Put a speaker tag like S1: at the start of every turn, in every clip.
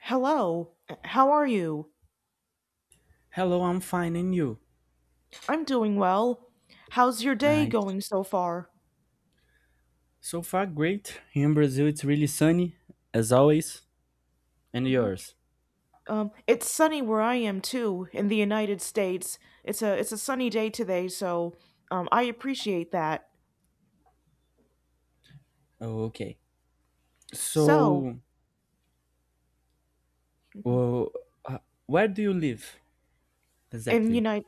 S1: Hello, how are you?
S2: Hello, I'm fine, and you?
S1: I'm doing well. How's your day
S2: Nice.
S1: going so far?
S2: So far, great. Here in Brazil, it's really sunny, as always. And
S1: Mhm.
S2: yours?
S1: It's sunny where I am too, in the United States. It's a sunny day today, so I appreciate that.
S2: Okay.
S1: So,
S2: So,
S1: Mhm.
S2: well, uh, where do you live
S1: in
S2: exactly?
S1: United,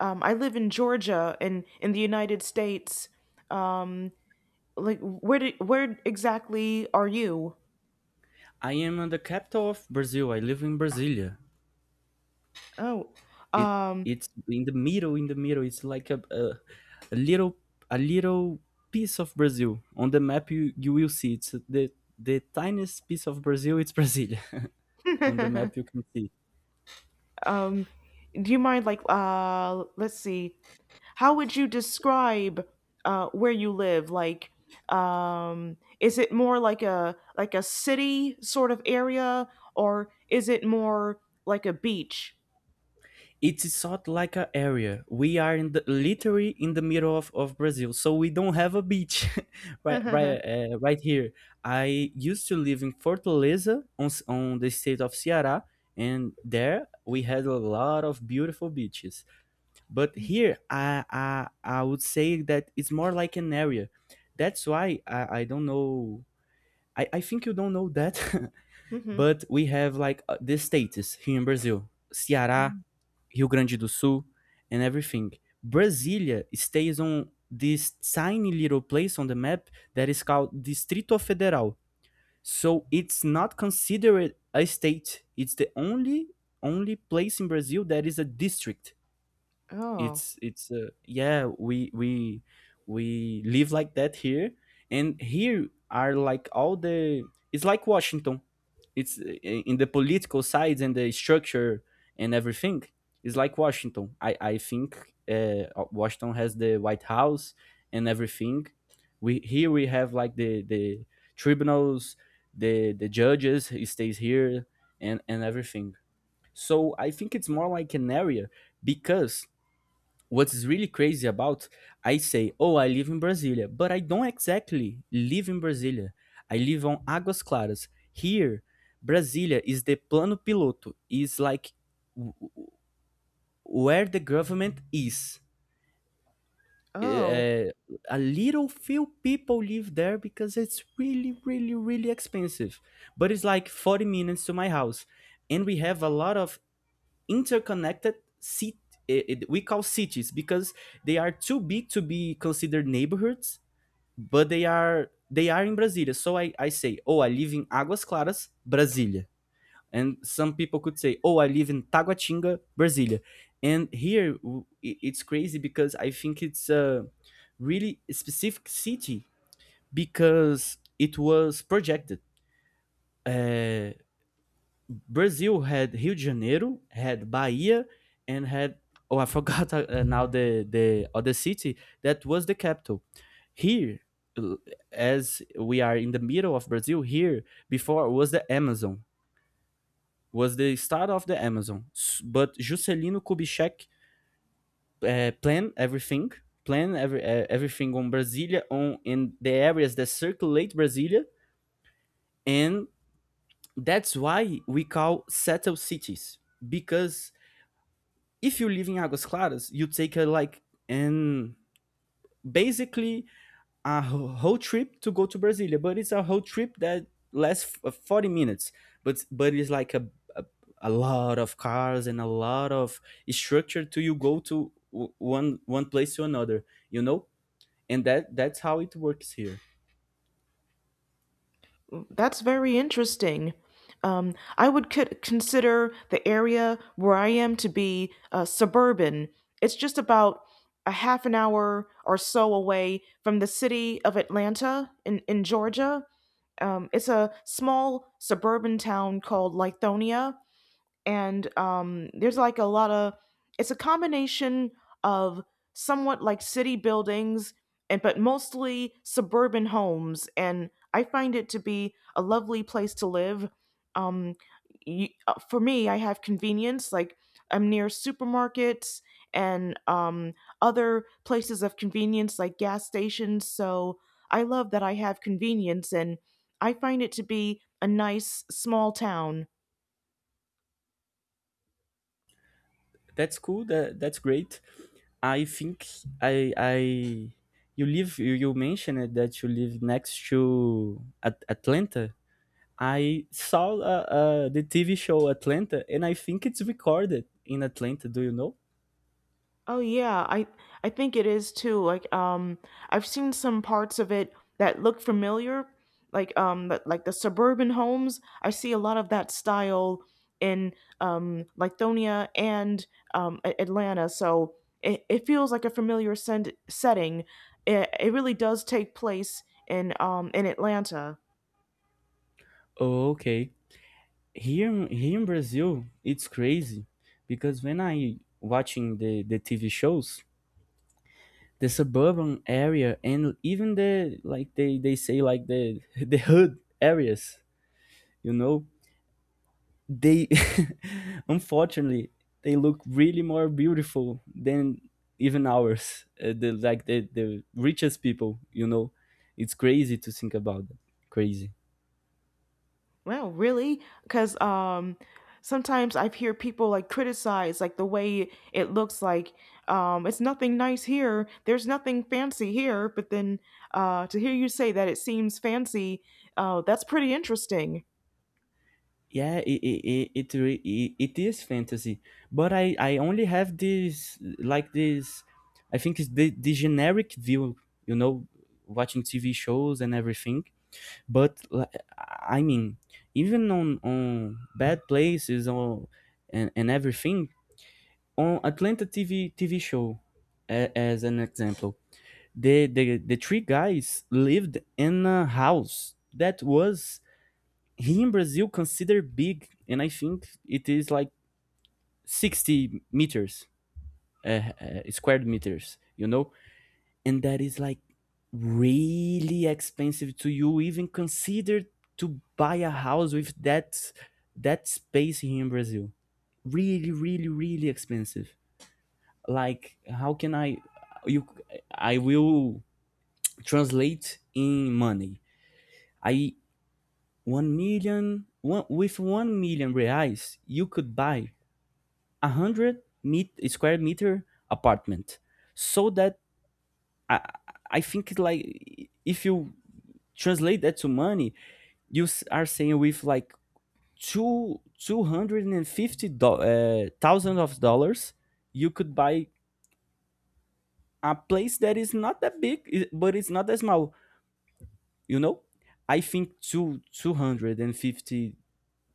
S1: I live in Georgia, and in the United States, um, like where exactly are you?
S2: I am in the capital of Brazil. I live in Brasilia.
S1: Oh,
S2: It
S1: um,
S2: it's in the middle. In the middle, it's like a little a little piece of Brazil. On the map, you will see it's the tiniest piece of Brazil. It's Brasilia. On the map, you can see.
S1: um, do you mind let's see. How would you describe where you live? Is it more like a city sort of area, or is it more like a beach?
S2: It's sort like a area, we are in the literally in the middle of Brazil, so we don't have a beach. Right, right, right here. I used to live in Fortaleza, on the state of Ceará, and there we had a lot of beautiful beaches. But here I would say that it's more like an area. That's why I don't know. I think you don't know that.
S1: Mhm.
S2: But we have like the states here in Brazil: Ceará, Rio Grande do Sul, and everything. Brasilia stays on this tiny little place on the map that is called Distrito Federal. So it's not considered a state. It's the only place in Brazil that is a district.
S1: oh,
S2: It's yeah, we live like that here, and here are like all the it's like Washington. It's in the political sides and the structure and everything. It's like Washington. I think Washington has the White House and everything. We here we have like the tribunals, the judges he stays here, and everything. So I think it's more like an area, because what's really crazy about, I say, oh, I live in Brasilia, but I don't exactly live in Brasilia. I live on Águas Claras. Here, Brasilia is the plano piloto. Is like w- where the government is.
S1: oh,
S2: Uh, a little few people live there because it's really, really, really expensive. But it's like 40 minutes to my house. And we have a lot of interconnected city. We call cities because they are too big to be considered neighborhoods, but they are in Brasilia. So I say, oh, I live in Águas Claras, Brasilia. And some people could say, oh, I live in Taguatinga, Brasilia. And here it's crazy because I think it's a really specific city because it was projected. Uh, Brazil had Rio de Janeiro, had Bahia, and had, oh, I forgot now the other city that was the capital. Here, uh, as we are in the middle of Brazil, here before was the Amazon, was the start of the Amazon. But Juscelino Kubitschek planned everything, planned everything on Brasilia, on in the areas that circulate Brasilia, and that's why we call settled cities, because if you live in Águas Claras, you take a, like, and basically a whole trip to go to Brasilia, but it's a whole trip that lasts 40 minutes. But it's like a a lot of cars and a lot of structure to you go to one place to another, you know? And that's how it works here.
S1: that's very interesting. I would consider the area where I am to be suburban. It's just about a half an hour or so away from the city of Atlanta in Georgia. It's a small suburban town called Lithonia, and there's like a lot of it's a combination of somewhat like city buildings and but mostly suburban homes, and I find it to be a lovely place to live. um, for me, I have convenience like I'm near supermarkets, and other places of convenience like gas stations, so I love that I have convenience, and I find it to be a nice small town.
S2: That's cool. That's great. I think I, you mentioned that you live next to Atlanta. I saw the TV show Atlanta, and I think it's recorded in Atlanta. Do you know?
S1: Oh yeah, I think it is too. Like, I've seen some parts of it that look familiar, like like the suburban homes. I see a lot of that style in Lithonia and Atlanta. So it feels like a setting. It really does take place in Atlanta.
S2: Oh, okay. Here, here in Brazil, it's crazy because when I watching the TV shows, the suburban area, and even the, like, they say like the the hood areas, you know, they unfortunately they look really more beautiful than even ours, the like the richest people. It's crazy to think about that. Crazy.
S1: Well, really? Because sometimes I hear people like criticize like the way it looks like, it's nothing nice here. There's nothing fancy here. But then, to hear you say that it seems fancy, that's pretty interesting.
S2: Yeah, it, re- it is fantasy, but I only have this, like, this I think it's the generic view you know watching TV shows and everything. But I mean, even on bad places or and everything. On Atlanta TV show, as an example, the three guys lived in a house that was here in Brazil considered big, and I think it is like 60 meters, squared meters, you know, and that is like really expensive to you even consider to buy a house with that space here in Brazil. Really, really, really expensive. Like, how can I, you I will translate in money. I, one million, one with 1 million reais you could buy 100 meet square meter apartment. So that i I think, like, if you translate that to money, you are saying with like two hundred and fifty thousand of dollars you could buy a place that is not that big, but it's not that small. You know, I think two hundred and fifty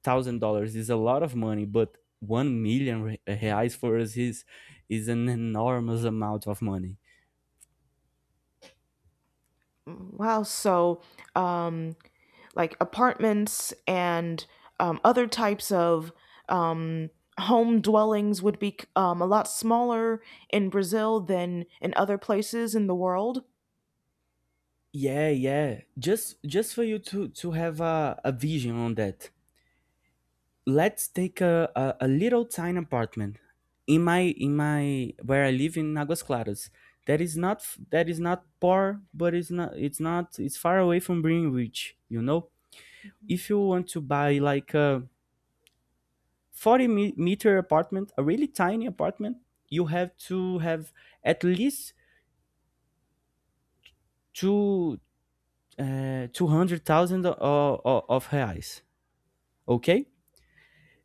S2: thousand dollars is a lot of money, but 1 million reais for us is an enormous amount of money.
S1: Wow. So, um, like apartments and other types of um, home dwellings would be a lot smaller in Brazil than in other places in the world.
S2: Yeah, yeah. Just for you to have a vision on that. Let's take a little tiny apartment in my where I live in Aguas Claras. That is not f- that is not poor, but it's not, it's not, it's far away from being rich. You know, if you want to buy like a 40 meter apartment, a really tiny apartment, you have to have at least two 200,000 of reais, okay?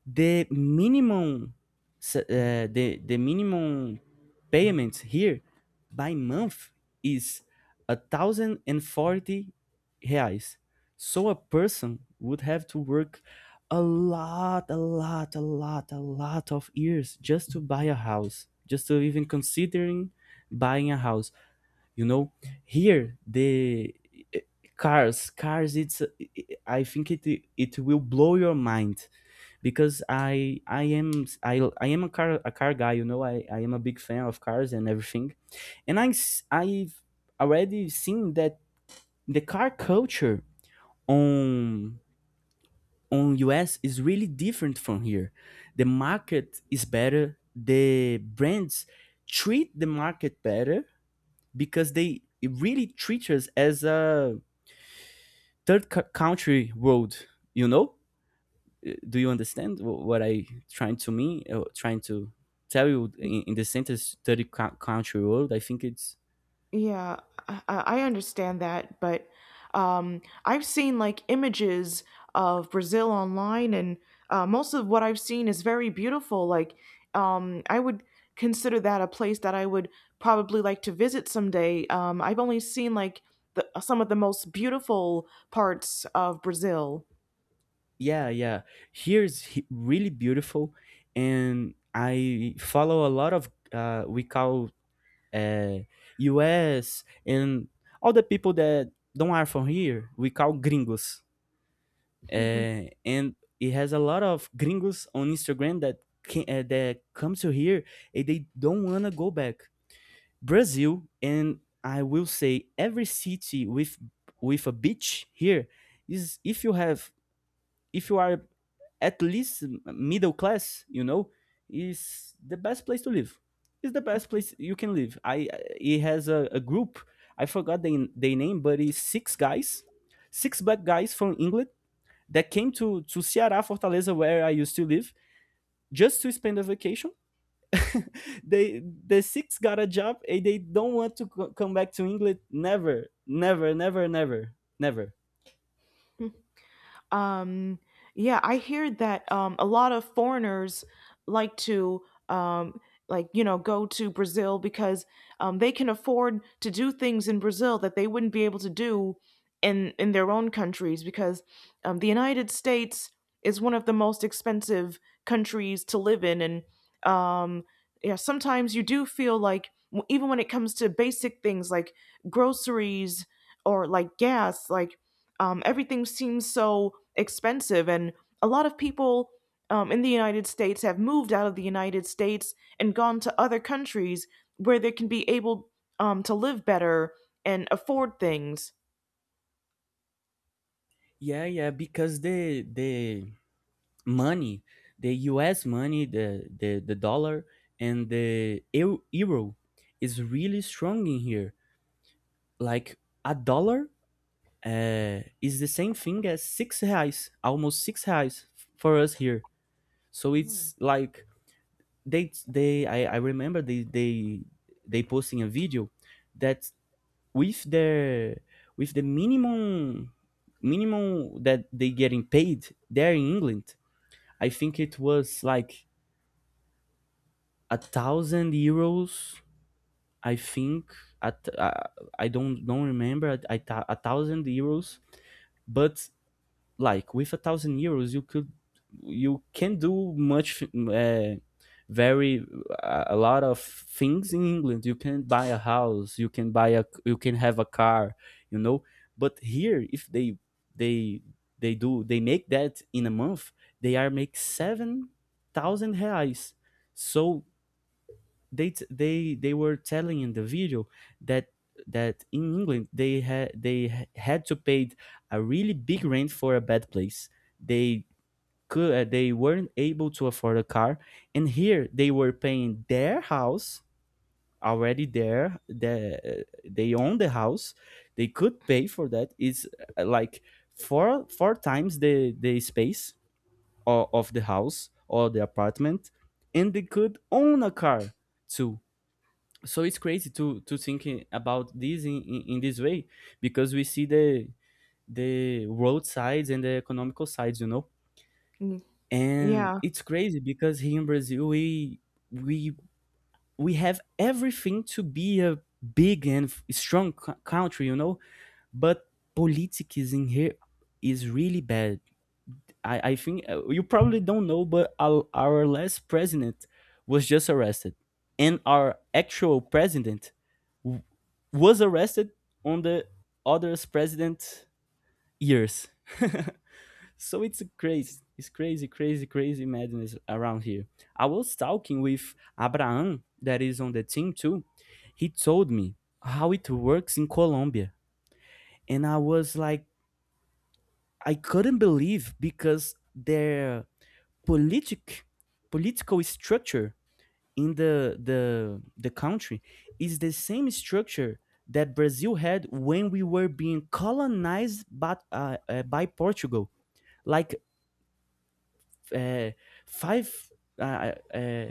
S2: The minimum the minimum payment here by month is 1,040 reais. So a person would have to work a lot, a lot, a lot, a lot of years just to buy a house, just to even considering buying a house. You know, here the eh, cars, cars. It's, I think it it will blow your mind, because I am a car guy, you know. I am a big fan of cars and everything. And I have already seen that the car culture on on US is really different from here. The market is better. The brands treat the market better because they really treat us as a third country world, you know? Do you understand what I trying to mean? Trying to tell you in the sentence, 30 country road. I think it's,
S1: Yeah, I understand that, but I've seen like images of Brazil online, and most of what I've seen is very beautiful. I would consider that a place that I would probably like to visit someday. I've only seen like some of the most beautiful parts of Brazil.
S2: yeah, yeah. Here is really beautiful, and I follow a lot of we call uh, U.S. and all the people that don't are from here. We call gringos, and it has a lot of gringos on Instagram that can, that come to here and they don't wanna go back Brazil, and I will say every city with a beach here is, if you have, if you are at least middle class, you know, is the best place to live. Is the best place you can live. I, it has a group. I forgot the name, but it's six guys, six black guys from England that came to Ceará, Fortaleza, where I used to live, just to spend a vacation. They the six got a job and they don't want to come back to England. Never, never, never, never, never.
S1: Um, yeah, I hear that a lot of foreigners like to, um, like you know, go to Brazil because they can afford to do things in Brazil that they wouldn't be able to do in their own countries because, the United States is one of the most expensive countries to live in, and um, yeah, sometimes you do feel like even when it comes to basic things like groceries or like gas, like, everything seems so expensive, and a lot of people, in the United States, have moved out of the United States and gone to other countries where they can be able, to live better and afford things.
S2: Yeah, yeah, because the money, the U.S. money, the dollar and the euro is really strong in here. Like, a dollar is the same thing as six reais, almost six reais for us here. So it's like they I remember they posting a video that with the with the minimum that they getting paid there in England, I think it was like 1,000 euros. I think at I don't remember at, 1,000 euros, but like with 1,000 euros you could you can do much very, a lot of things in England. You can buy a house, you can buy a you can have a car, you know. But here, if they they do they make that in a month, they are make 7,000 reais. So they they were telling in the video that that in England they had they ha- had to pay a really big rent for a bad place. They could, they weren't able to afford a car, and here they were paying their house already there. The, they own the house. They could pay for that. It's like four times the space of the house or the apartment, and they could own a car too. So it's crazy to thinking about this in this way, because we see the road sides and the economical sides.
S1: Mm.
S2: And
S1: Yeah.
S2: it's crazy because here in Brazil, we we have everything to be a big and strong country. But politics in here is really bad. I think, you probably don't know, but our last president was just arrested, and our actual president w- was arrested on the other's president years. So it's crazy, crazy, crazy madness around here. I was talking with Abraham, that is on the team too. He told me how it works in Colombia, and I was like, I couldn't believe, because their politic political structure in the the country is the same structure that Brazil had when we were being colonized by Portugal. Like, uh, five, uh, uh,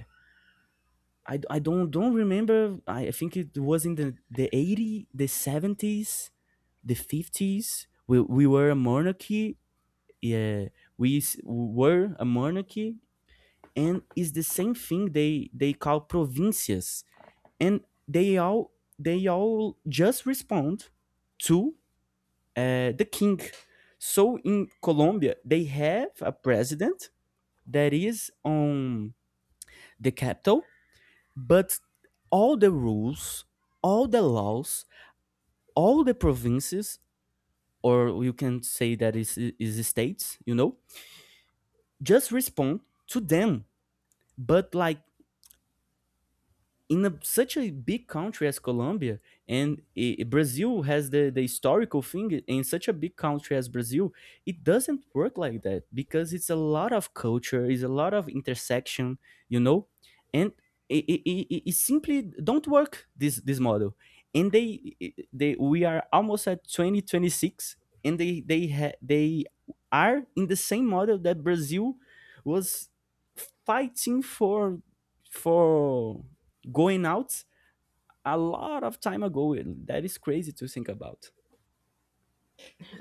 S2: I don't remember. I think it was in the 80, the 70s, the 50s. We were a monarchy. Yeah, we were a monarchy, and it's the same thing they call provincias, and they all they all just respond to, the king. So in Colombia, they have a president that is on the capital. But all the rules, all the laws, all the provinces, or you can say that is states, just respond to them. But like, such a big country as Colombia, and Brazil has the historical thing in such a big country as Brazil, it doesn't work like that because it's a lot of culture, it's a lot of intersection, you know, and it simply don't work this model. And they we are almost at 2026, and they are in the same model that Brazil was fighting for going out a lot of time ago. That is crazy to think about.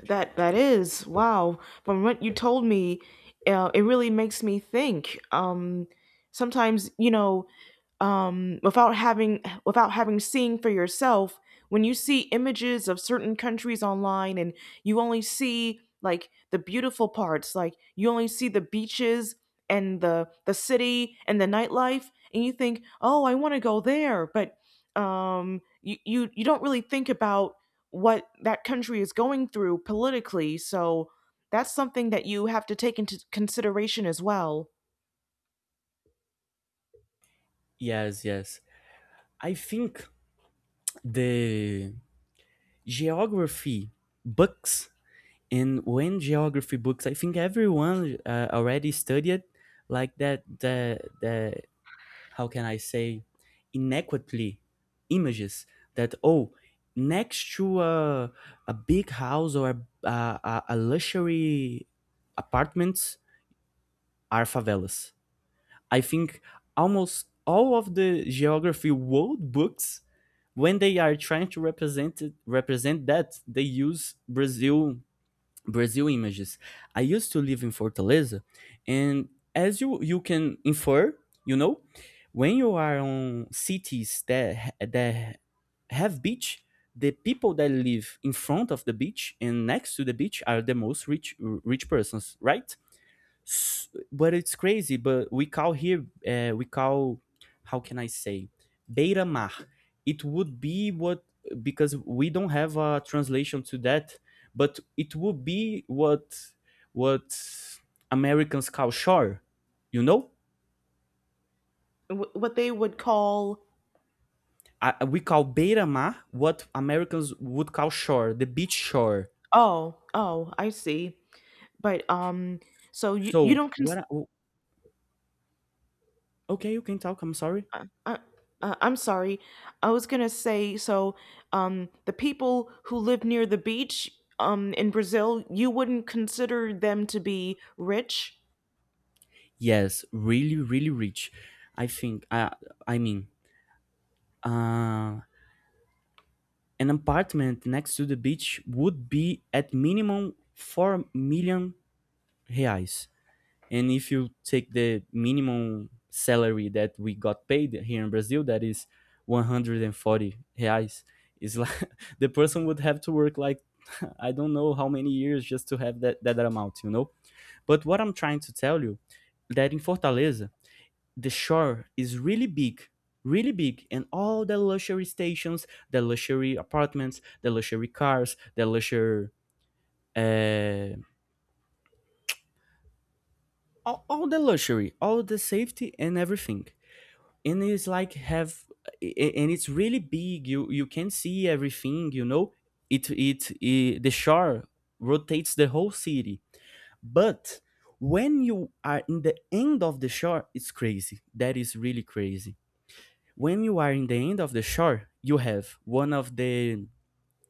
S1: That that is wow. From what you told me, it really makes me think. Sometimes you know, without having seen for yourself, when you see images of certain countries online and you only see like the beautiful parts, like you only see the beaches and the city and the nightlife, and you think, oh, I want to go there, but you don't really think about what that country is going through politically. So that's something that you have to take into consideration as well.
S2: Yes, yes. I think the geography books, and when geography books, I think everyone, already studied like that. The, how can I say, inequitly images that, oh, next to a big house or a luxury apartments are favelas. I think almost all of the geography world books, when they are trying to represent it, represent that, they use Brazil images. I used to live in Fortaleza, and as you can infer, you know, when you are on cities that have beach, the people that live in front of the beach and next to the beach are the most rich persons, right? But it's crazy. But we call here, we call, how can I say, beta mar, it would be what, because we don't have a translation to that, but it would be what Americans call shore you know
S1: Wh- What they would call.
S2: we call beta mar what Americans would call shore, the beach shore.
S1: Oh, oh, I see, but so you
S2: so
S1: don't
S2: what I, okay, you can talk, I'm sorry.
S1: uh, uh, I'm sorry, I was gonna say so the people who live near the beach in Brazil, you wouldn't consider them to be rich.
S2: Yes, really, really rich. I think. I mean um an apartment next to the beach would be at minimum 4 million reais. And if you take the minimum salary that we got paid here in Brazil, that is 140 reais, is like the person would have to work like I don't know how many years just to have that amount, you know? But what I'm trying to tell you that in Fortaleza, the shore is really big, really big, and all the luxury stations, the luxury apartments, the luxury cars, the luxury, uh, all the luxury, all the safety and everything. And it's like have and it's really big, you can see everything. It it, it the shore rotates the whole city. But when you are in the end of the shore, it's crazy, that is really crazy. When you are in the end of the shore, you have one of the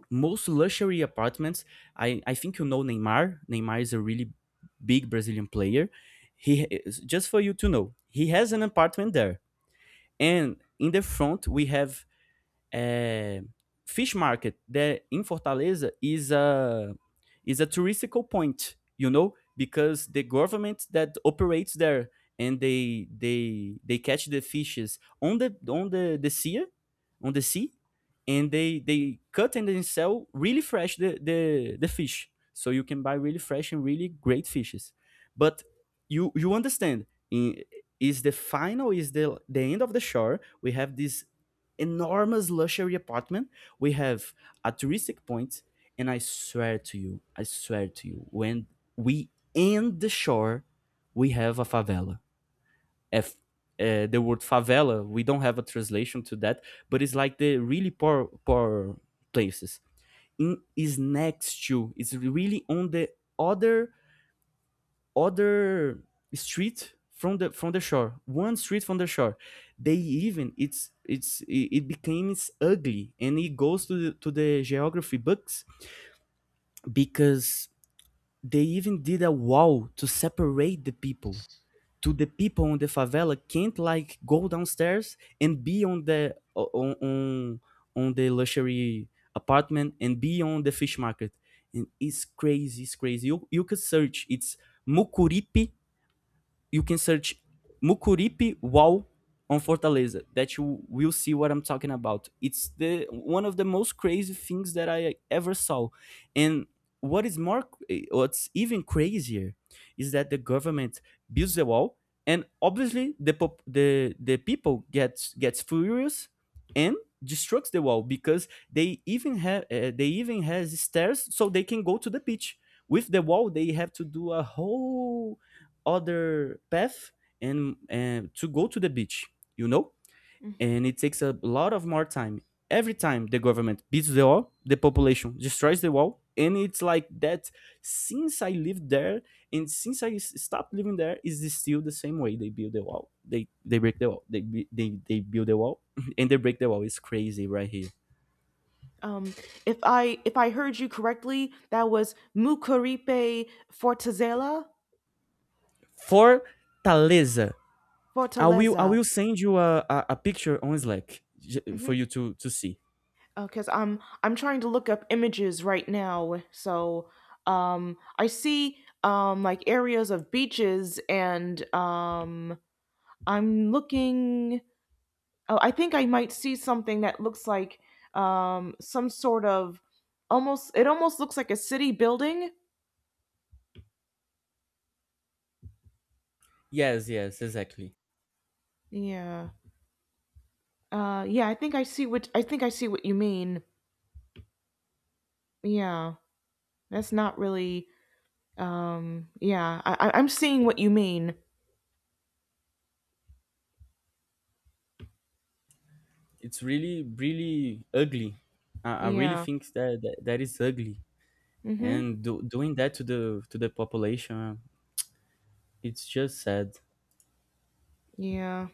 S2: most luxury apartments. I think you know Neymar. Neymar is a really big Brazilian player. He, just for you to know, he has an apartment there. And in the front, we have, é, fish market there in Fortaleza is a touristical point, because the government that operates there, and they catch the fishes on the sea, on the sea, and they cut and then sell really fresh the fish. So you can buy really fresh and really great fishes. But you understand, in is the final is the end of the shore, we have this enormous luxury apartment. We have a touristic point, and I swear to you, I swear to you, when we end the shore, we have a favela. F, the word favela, we don't have a translation to that, but it's like the really poor places. In, is next to, it's really on the other other street from the shore, one street from the shore. They even it's it's it, it becomes ugly and it goes to the geography books because they even did a wall to separate the people, to the people on the favela can't like go downstairs and be on the luxury apartment and be on the fish market. And it's crazy, it's crazy, you could search, it's Mucuripe. You can search Mucuripe wall on Fortaleza, that you will see what I'm talking about. It's the one of the most crazy things that I ever saw. And what is more what's even crazier is that the government builds the wall, and obviously the the people gets furious and destructs the wall, because they even have, they even has stairs so they can go to the beach. With the wall, they have to do a whole other path, and, to go to the beach you know and it takes a lot of more time. Every time the government beats the wall, the population destroys the wall, and it's like that since I lived there, and since I stopped living there, is this still the same way. They build the wall, they break the wall, they build the wall and they break the wall. It's crazy right here.
S1: Um, if I heard you correctly, that was Mucuripe Fortaleza.
S2: Fortaleza. i will i
S1: Fortaleza.
S2: will send you a picture on Slack, for
S1: Mm-hmm.
S2: you to see.
S1: Because I'm trying to look up images right now. So I see, like areas of beaches, and I'm looking. Oh, I think I might see something that looks like some sort of almost. It almost looks like a city building.
S2: Yes, yes, exactly.
S1: Yeah. Yeah, I think I see what you mean. Yeah, that's not really. Yeah, I'm seeing what you mean.
S2: It's really, really ugly. I really
S1: Yeah.
S2: think that is ugly.
S1: Mm-hmm.
S2: And doing that to the population, it's just sad.
S1: Yeah.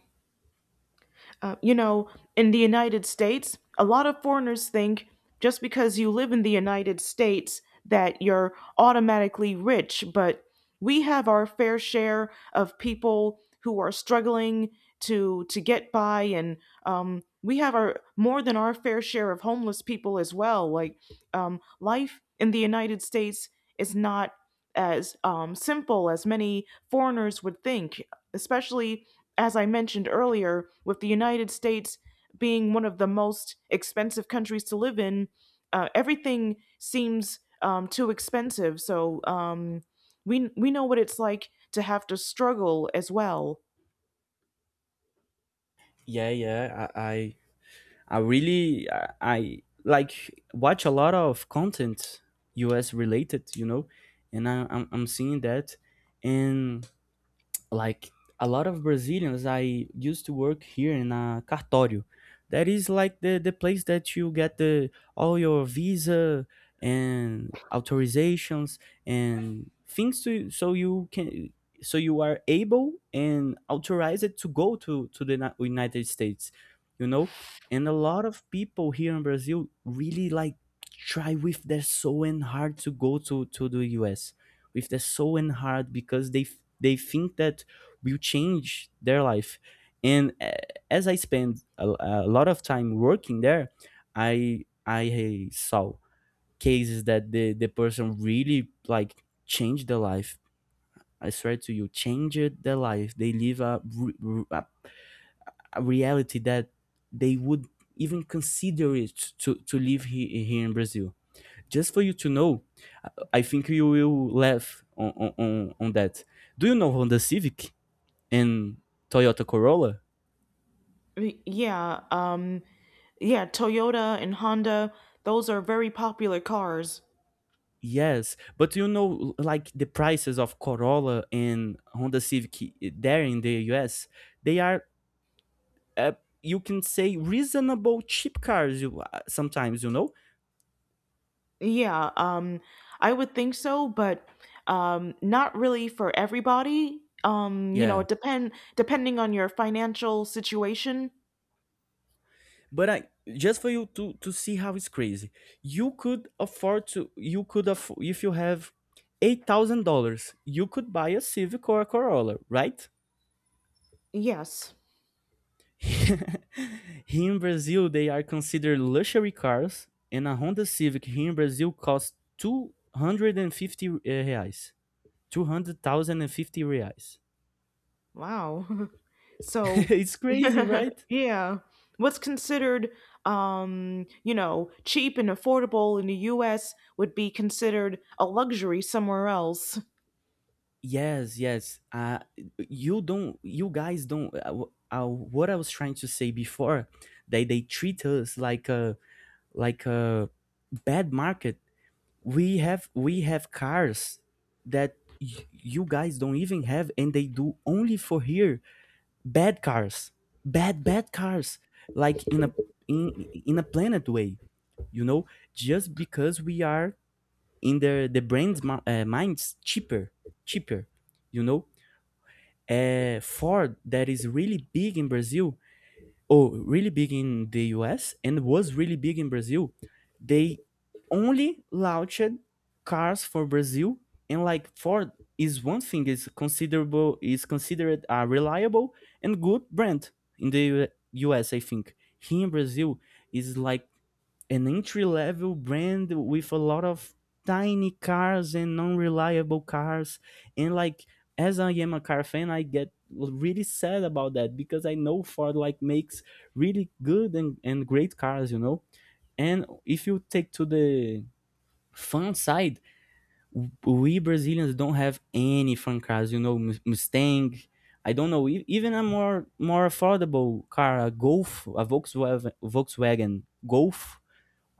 S1: You know, in the United States, a lot of foreigners think just because you live in the United States that you're automatically rich, but we have our fair share of people who are struggling to get by, and we have our more than our fair share of homeless people as well, like, life in the United States is not as, simple as many foreigners would think, especially as I mentioned earlier, with the United States being one of the most expensive countries to live in, everything seems, too expensive. So, we know what it's like to have to struggle as well.
S2: Yeah, yeah. I really, I like watch a lot of content US related. And I'm seeing that. And, like, a lot of Brazilians, I used to work here in a cartório. That is like the place that you get the all your visa and authorizations and things to so you can so you are able and authorized to go to the United States, you know. And a lot of people here in Brazil really like try with their soul and heart to go to the US with their soul and heart, because they think that will change their life. And as I spend a lot of time working there, I saw cases that the person really like changed their life. I swear to you, changed their life. They live a, re- a a reality that they would even consider it to live here in Brazil. Just for you to know, I think you will laugh on that. Do you know Honda Civic and Toyota Corolla?
S1: Yeah, yeah. Toyota and Honda; those are very popular cars.
S2: Yes, but like the prices of Corolla and Honda Civic there in the US, they are, uh, you can say, reasonable cheap cars. You, sometimes.
S1: Yeah, I would think so, but not really for everybody. You know,
S2: Yeah.
S1: it depend depending on your financial situation.
S2: But I, just for you to see how it's crazy. You could afford to. You could afford if you have $8,000, you could buy a Civic or a Corolla, right?
S1: Yes.
S2: Here in Brazil, they are considered luxury cars, and a Honda Civic here in Brazil costs 250 reais. 200,050 reais.
S1: Wow. So,
S2: It's crazy, right?
S1: yeah, what's considered, you know, cheap and affordable in the US would be considered a luxury somewhere else.
S2: Yes, yes. You guys don't. What I was trying to say before, they treat us like a bad market. We have cars that you guys don't even have, and they do only for here, bad cars, bad, bad cars, like in a in in a planet way you know just because we are in the brands, minds cheaper you know Ford, that is really big in Brazil, oh, really big in the US and was really big in Brazil. They only launched cars for Brazil. And, like, Ford is one thing is considerable is considered a reliable and good brand in the US, I think. Here in Brazil is like an entry level brand with a lot of tiny cars and non-reliable cars. And, like, as I am a car fan, I get really sad about that, because I know Ford, like, makes really good and great cars. And if you take to the fun side, we Brazilians don't have any fun cars. Mustang, I don't know, even a more affordable car, a Golf, a Volkswagen, Golf,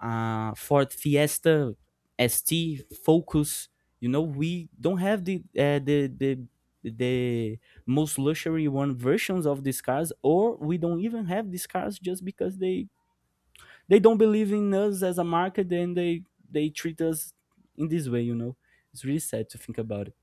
S2: Ford Fiesta, ST, Focus. You know, we don't have the, the most luxury one versions of these cars, or we don't even have these cars just because they don't believe in us as a market, and they treat us in this way. You know, it's really sad to think about it.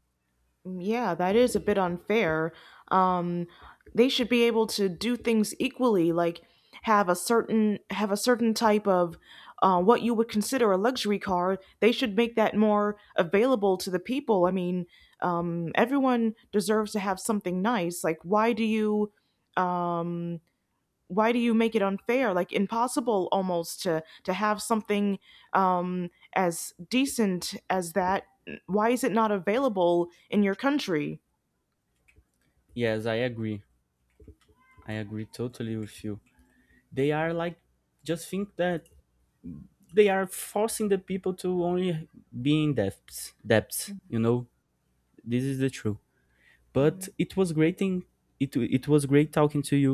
S1: Yeah, that is a bit unfair. Um, they should be able to do things equally, like have a certain type of what you would consider a luxury car. They should make that more available to the people. I mean, everyone deserves to have something nice. Like, why do you? um why do you make it unfair, like impossible almost, to have something, um as decent as that? Why is it not available in your country?
S2: Yes, I agree. I agree totally with you. They are like just think that they are forcing the people to only be in debts. This is the truth. But
S1: Mm.
S2: it was great talking to you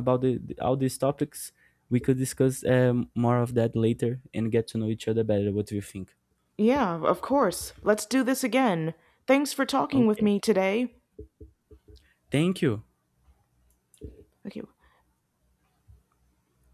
S2: about all these topics. We could discuss more of that later and get to know each other better. What do you think?
S1: Yeah, of course, let's do this again. Thanks for talking with
S2: Okay.
S1: me today.
S2: Thank you.
S1: Okay.